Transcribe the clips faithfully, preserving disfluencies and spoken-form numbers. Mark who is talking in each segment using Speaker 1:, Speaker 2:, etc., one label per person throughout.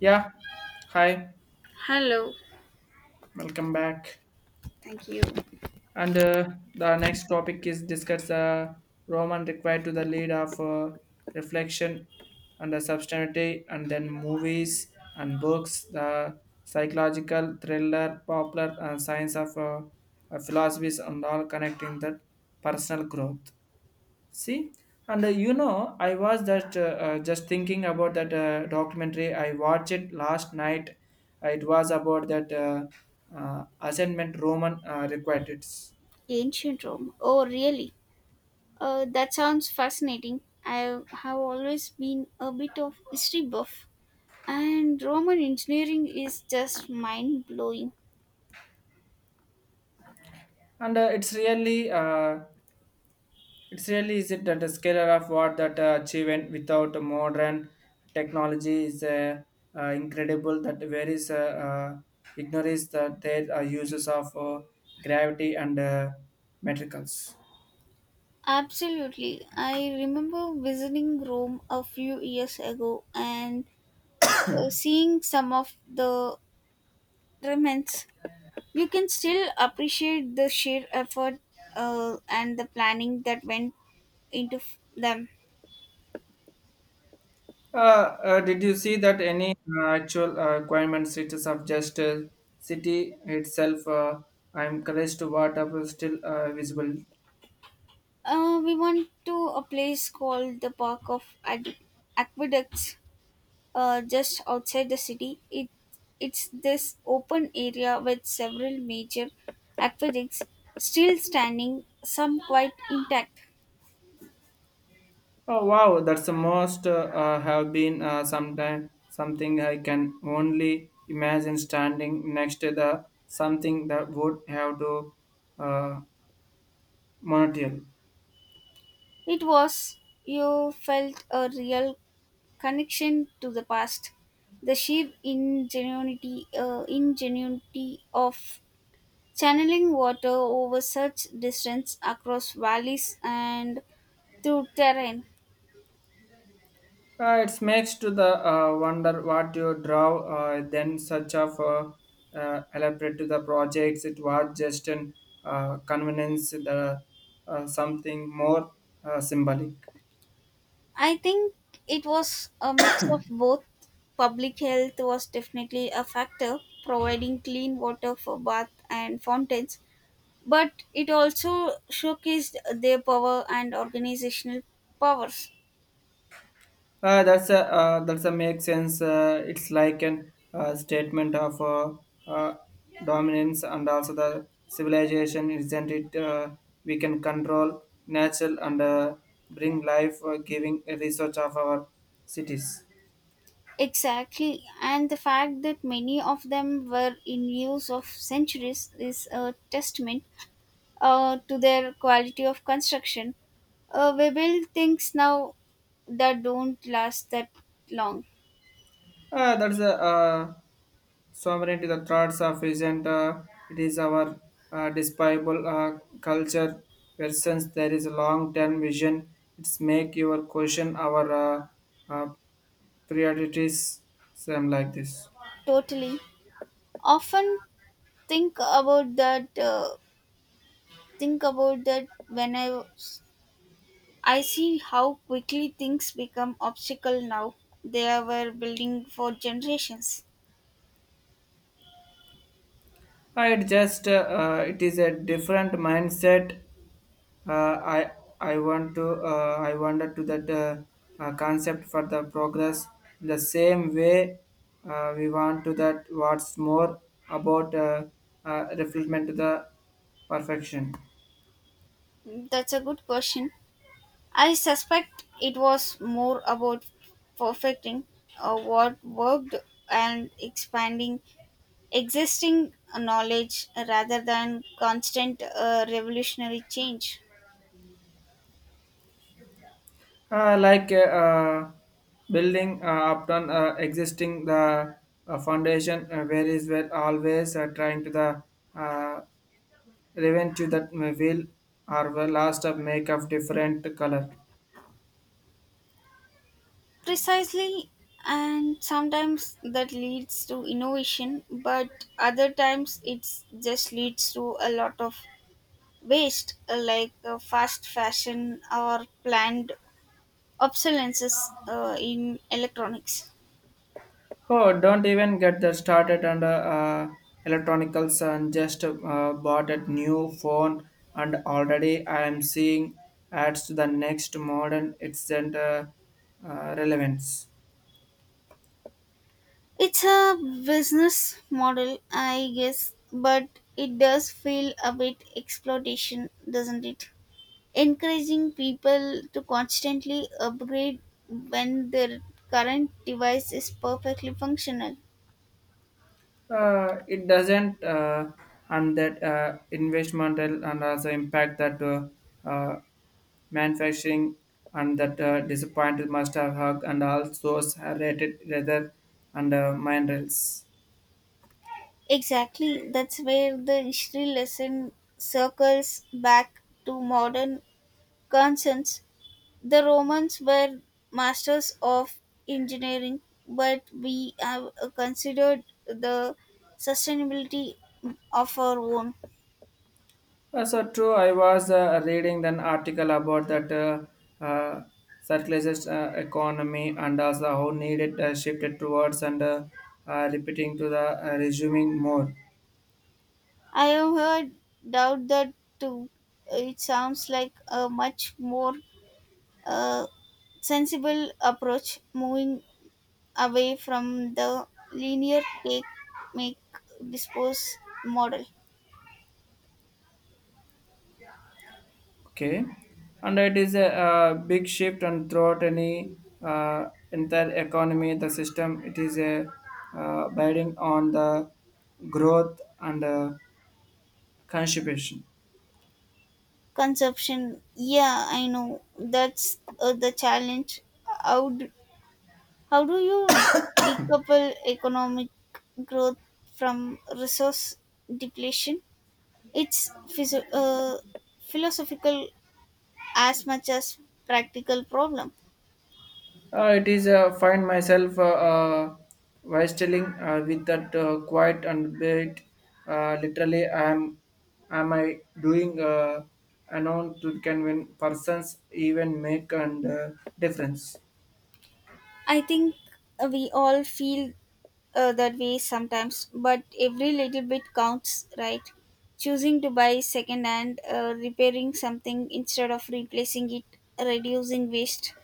Speaker 1: Yeah, hi,
Speaker 2: Hello.
Speaker 1: welcome back.
Speaker 2: Thank you.
Speaker 1: And uh, the next topic is discuss uh, Roman required to the lead of uh, reflection and the substantivity, and then movies and books, the psychological thriller, popular and science of uh, uh, philosophies, and all connecting that personal growth. See, and uh, you know, I was just uh, uh, just thinking about that uh, documentary. I watched it last night. Uh, It was about that uh, uh, assignment Roman uh, required it,
Speaker 2: Ancient Rome. Oh, really? Uh, that sounds fascinating. I have always been a bit of history buff, and Roman engineering is just mind blowing.
Speaker 1: and uh, it's really uh, it's really is it that the scale of what that uh, achievement without the modern technology is uh, uh, incredible. That various uh, uh, ignorance that there are uses of uh, gravity and uh, metricals.
Speaker 2: Absolutely. I remember visiting Rome a few years ago and uh, seeing some of the remnants. You can still appreciate the sheer effort uh, and the planning that went into f- them.
Speaker 1: Uh, uh, did you see that any uh, actual uh, requirements it is of just uh, city itself? Uh, I'm encouraged to what up is still uh, visible.
Speaker 2: Uh, we went to a place called the Park of Ad- Aqueducts, uh, just outside the city. It it's this open area with several major aqueducts still standing, some quite intact.
Speaker 1: Oh wow, that's the most uh, uh, have been uh, sometime something I can only imagine standing next to the something that would have to uh, monotone.
Speaker 2: It was, you felt a real connection to the past. The sheer ingenuity, uh, ingenuity of channeling water over such distance across valleys and to terrain.
Speaker 1: Uh, it makes to the uh, wonder what you draw uh, then such of uh, uh, elaborate to the projects. It was just an uh, convenience, the uh, something more uh, symbolic.
Speaker 2: I think it was a mix of both. Public health was definitely a factor, providing clean water for bath and fountains, but it also showcased their power and organizational powers.
Speaker 1: Uh, that's a uh, that's a make sense. Uh, it's like an uh, statement of uh, uh, dominance and also the civilization, isn't it? Uh, we can control natural and uh, bring life, uh, giving research of our cities.
Speaker 2: Exactly, and the fact that many of them were in use of centuries is a testament uh, to their quality of construction. Uh, we build things now that don't last that long.
Speaker 1: Uh, that's a uh, sovereign to the thoughts of isn't uh, it is our uh, despicable uh, culture where since there is a long-term vision it's make your question our uh, uh, priorities same like this
Speaker 2: Totally. Often think about that. Uh, think about that when I was- I see how quickly things become obstacle now. They were building for generations.
Speaker 1: uh, it just uh, uh, it is a different mindset. Uh, I I want to uh, I wonder to that uh, uh, concept for the progress in the same way uh, we want to that what's more about uh, uh, reflection to the perfection
Speaker 2: That's a good question. I suspect it was more about perfecting uh, what worked and expanding existing knowledge rather than constant uh, revolutionary change.
Speaker 1: uh, like uh, uh, building uh, upon uh, existing the uh, foundation uh, where is where always uh, trying to the uh, revenge to that will or the last of make of different color.
Speaker 2: Precisely, and sometimes that leads to innovation, but other times it just leads to a lot of waste, uh, like uh, fast fashion or planned obsolescences uh, in electronics.
Speaker 1: Oh, don't even get that started on the uh, electronicals and just uh, bought a new phone and already I am seeing ads to the next modern it's and, uh, uh, relevance.
Speaker 2: It's a business model, I guess, but it does feel a bit exploitation, doesn't it? Encouraging people to constantly upgrade when their current device is perfectly functional.
Speaker 1: Uh, it doesn't uh, and that uh, investmental and also impact that uh, uh, manufacturing and that uh, disappointed must have hug and all those rated rather and uh, mind rails.
Speaker 2: Exactly, that's where the history lesson circles back to modern concerns. The Romans were masters of engineering, but we have uh, considered the sustainability of our own.
Speaker 1: Uh, so true. I was uh, reading an article about that uh, uh, circularist uh, economy and also how needed uh, shifted towards and uh, uh, repeating to the uh, resuming more.
Speaker 2: I have heard doubt that too. It sounds like a much more a sensible approach, moving away from the linear take, make, dispose model.
Speaker 1: Okay, and it is a, uh big shift and throughout any uh, entire economy, the system. It is a uh, biting on the growth and uh, consumption.
Speaker 2: Consumption, yeah, I know that's uh, the challenge. How do, how do you decouple economic growth from resource depletion? It's physio- uh, philosophical as much as practical problem.
Speaker 1: Uh, it is uh, find myself uh, uh, wrestling uh, with that uh, quiet and bit. Uh, literally, I am am I doing uh, unknown to convince persons even make and uh, difference.
Speaker 2: I think we all feel uh, that way sometimes, but every little bit counts, right? Choosing to buy second hand, uh, repairing something instead of replacing it, reducing waste.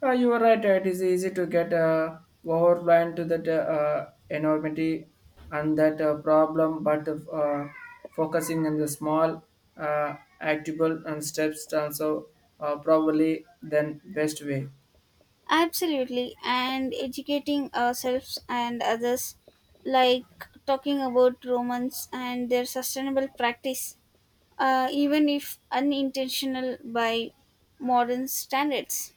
Speaker 1: Uh, you are right. uh, It is easy to get uh, overwhelmed to that uh, uh, enormity and that uh, problem, but uh, focusing on the small, uh, actable and steps, also uh, probably then best way.
Speaker 2: Absolutely, and educating ourselves and others, like talking about Romans and their sustainable practice, uh, even if unintentional by modern standards.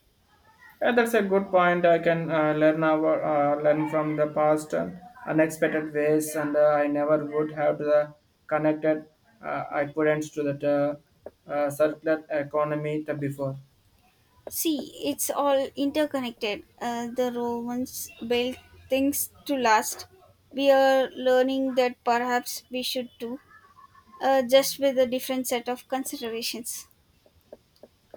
Speaker 1: Yeah, that's a good point. I can uh, learn our, uh, learn from the past and unexpected ways, and uh, I never would have the connected uh, equivalents to that uh, uh, circular economy the before.
Speaker 2: See, it's all interconnected. Uh, the Romans built things to last. We are learning that perhaps we should too, uh, just with a different set of considerations.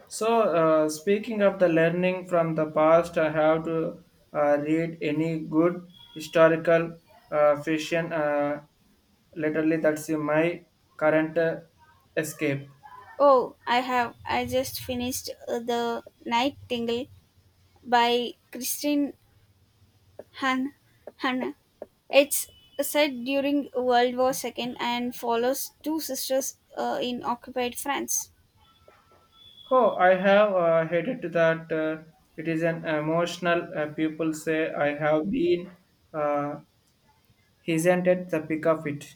Speaker 1: So, uh, speaking of the learning from the past, I have to uh, read any good historical uh, fiction. Uh, literally, that's my current uh, escape.
Speaker 2: Oh, I have. I just finished uh, The Night Tingle by Christine Han. Han. It's set during World War two and follows two sisters uh, in occupied France.
Speaker 1: Oh, I have uh, headed that. Uh, it is an emotional. Uh, people say I have been. Uh, is the pick of it?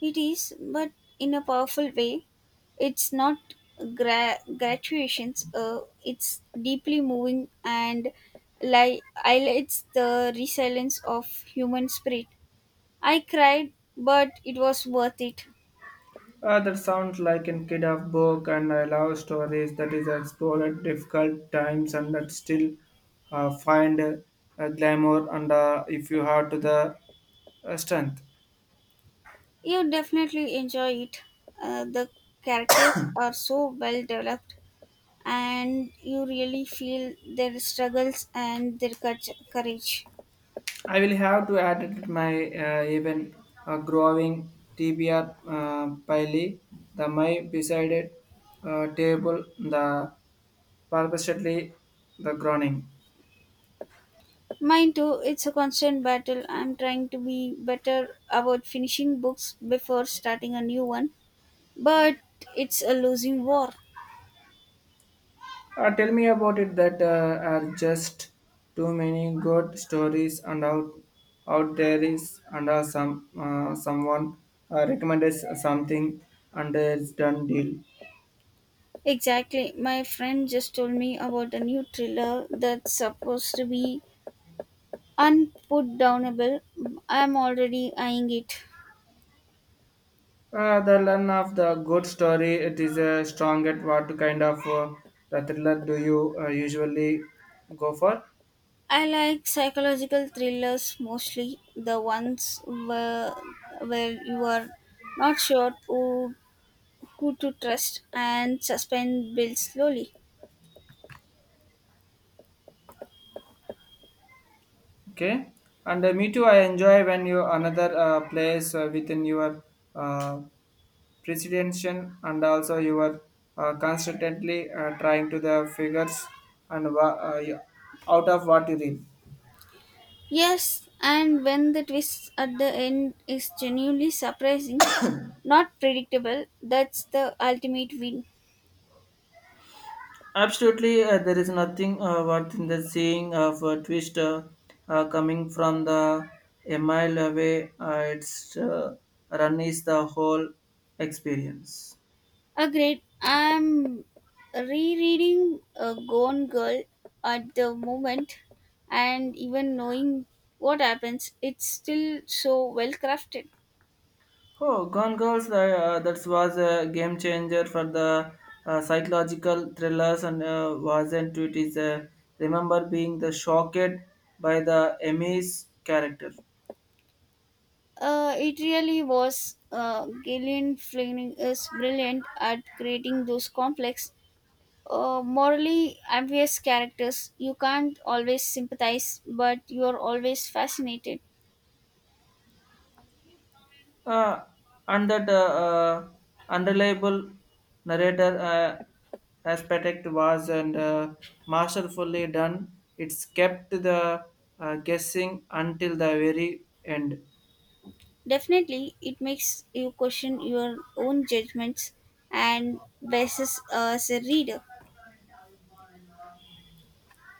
Speaker 2: It is, but in a powerful way. It's not gra- gratuations, uh, it's deeply moving and li- highlights the resilience of human spirit. I cried, but it was worth it.
Speaker 1: Uh, that sounds like a kid of book, and I love stories that is explored difficult times and that still uh, find uh, glamour and uh, if you have to the uh, strength.
Speaker 2: You definitely enjoy it. Uh, the characters are so well developed, and you really feel their struggles and their courage. courage.
Speaker 1: I will have to edit my uh, even uh, growing T B R uh, pile, the my beside uh, table, the purposely the groaning.
Speaker 2: Mine too, it's a constant battle. I'm trying to be better about finishing books before starting a new one, but it's a losing war.
Speaker 1: Uh, tell me about it that uh, are just too many good stories and out out there is and uh, some uh, someone uh, recommended something and it's done deal.
Speaker 2: Exactly. My friend just told me about a new thriller that's supposed to be unputdownable. I'm already eyeing it.
Speaker 1: Uh, the learn of the good story. It is a strong at what kind of uh, the thriller do you uh, usually go for?
Speaker 2: I like psychological thrillers mostly, the ones where, where you are not sure who, who to trust and suspense builds slowly.
Speaker 1: Okay, and uh, me too. I enjoy when you another uh, place uh, within your uh, presidential and also you are uh, constantly uh, trying to the figures and wa- uh, yeah, out of what you read.
Speaker 2: Yes, and when the twist at the end is genuinely surprising, not predictable, that's the ultimate win.
Speaker 1: Absolutely, uh, there is nothing uh, worth in the seeing of a twister uh, uh, coming from the a mile away. Uh, its uh, run is the whole experience.
Speaker 2: Agreed. I'm rereading a Gone Girl at the moment, and even knowing what happens, it's still so well crafted.
Speaker 1: Oh, Gone Girls, uh, that was a game changer for the uh, psychological thrillers and uh, wasn't it is uh, remember being the shocked by the Emmy's character.
Speaker 2: Uh, it really was. Uh, Gillian Flynn is brilliant at creating those complex, uh, morally ambiguous characters. You can't always sympathize, but you are always fascinated.
Speaker 1: Uh, and that uh, uh, unreliable narrator uh, aspect was and uh, masterfully done. It's kept the uh, guessing until the very end.
Speaker 2: Definitely, it makes you question your own judgments and biases as a reader.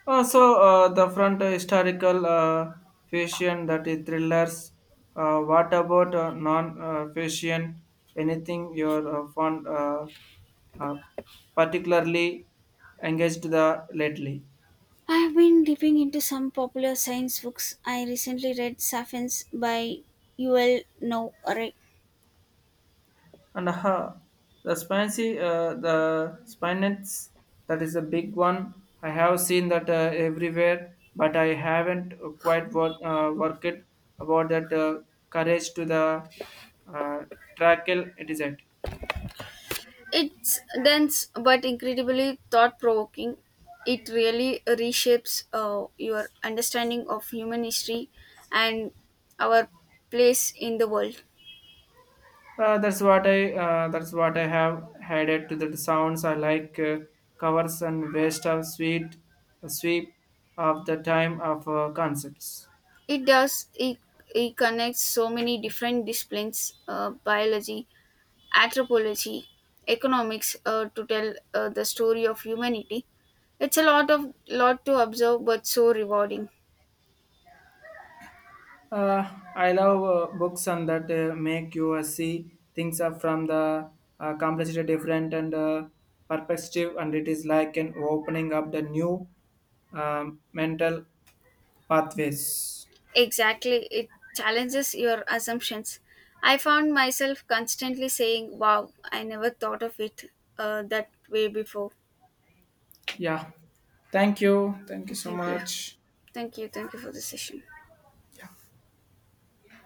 Speaker 1: Also, uh, the front uh, historical uh, fiction that is thrillers. Uh, what about uh, non-fiction? Anything you're uh, fond, uh, uh, particularly engaged the lately?
Speaker 2: I've been dipping into some popular science books. I recently read *Sapiens* by Yuval Noah.
Speaker 1: And aha, the spicy, uh, the spinets, that is a big one. I have seen that uh, everywhere, but I haven't quite wor- uh, worked it about that uh, courage to the uh, trackle. It is it.
Speaker 2: It's dense but incredibly thought provoking. It really reshapes uh, your understanding of human history and our place in the world.
Speaker 1: Uh, that's what I. Uh, that's what I have added to the sounds. I like uh, covers and waste of sweet, sweep of the time of uh, concepts.
Speaker 2: It does, it, it connects so many different disciplines, uh, biology, anthropology, economics, uh, to tell uh, the story of humanity. It's a lot of lot to observe but so rewarding.
Speaker 1: Uh, I love uh, books and that uh, make you uh, see things up from the uh, complexity different and uh, perspective, and it is like an opening up the new um, mental pathways.
Speaker 2: Exactly, it challenges your assumptions. I found myself constantly saying, "Wow, I never thought of it uh, that way before."
Speaker 1: Yeah, thank you, thank you so
Speaker 2: Thank you.
Speaker 1: much.
Speaker 2: Thank you. Thank you for the session.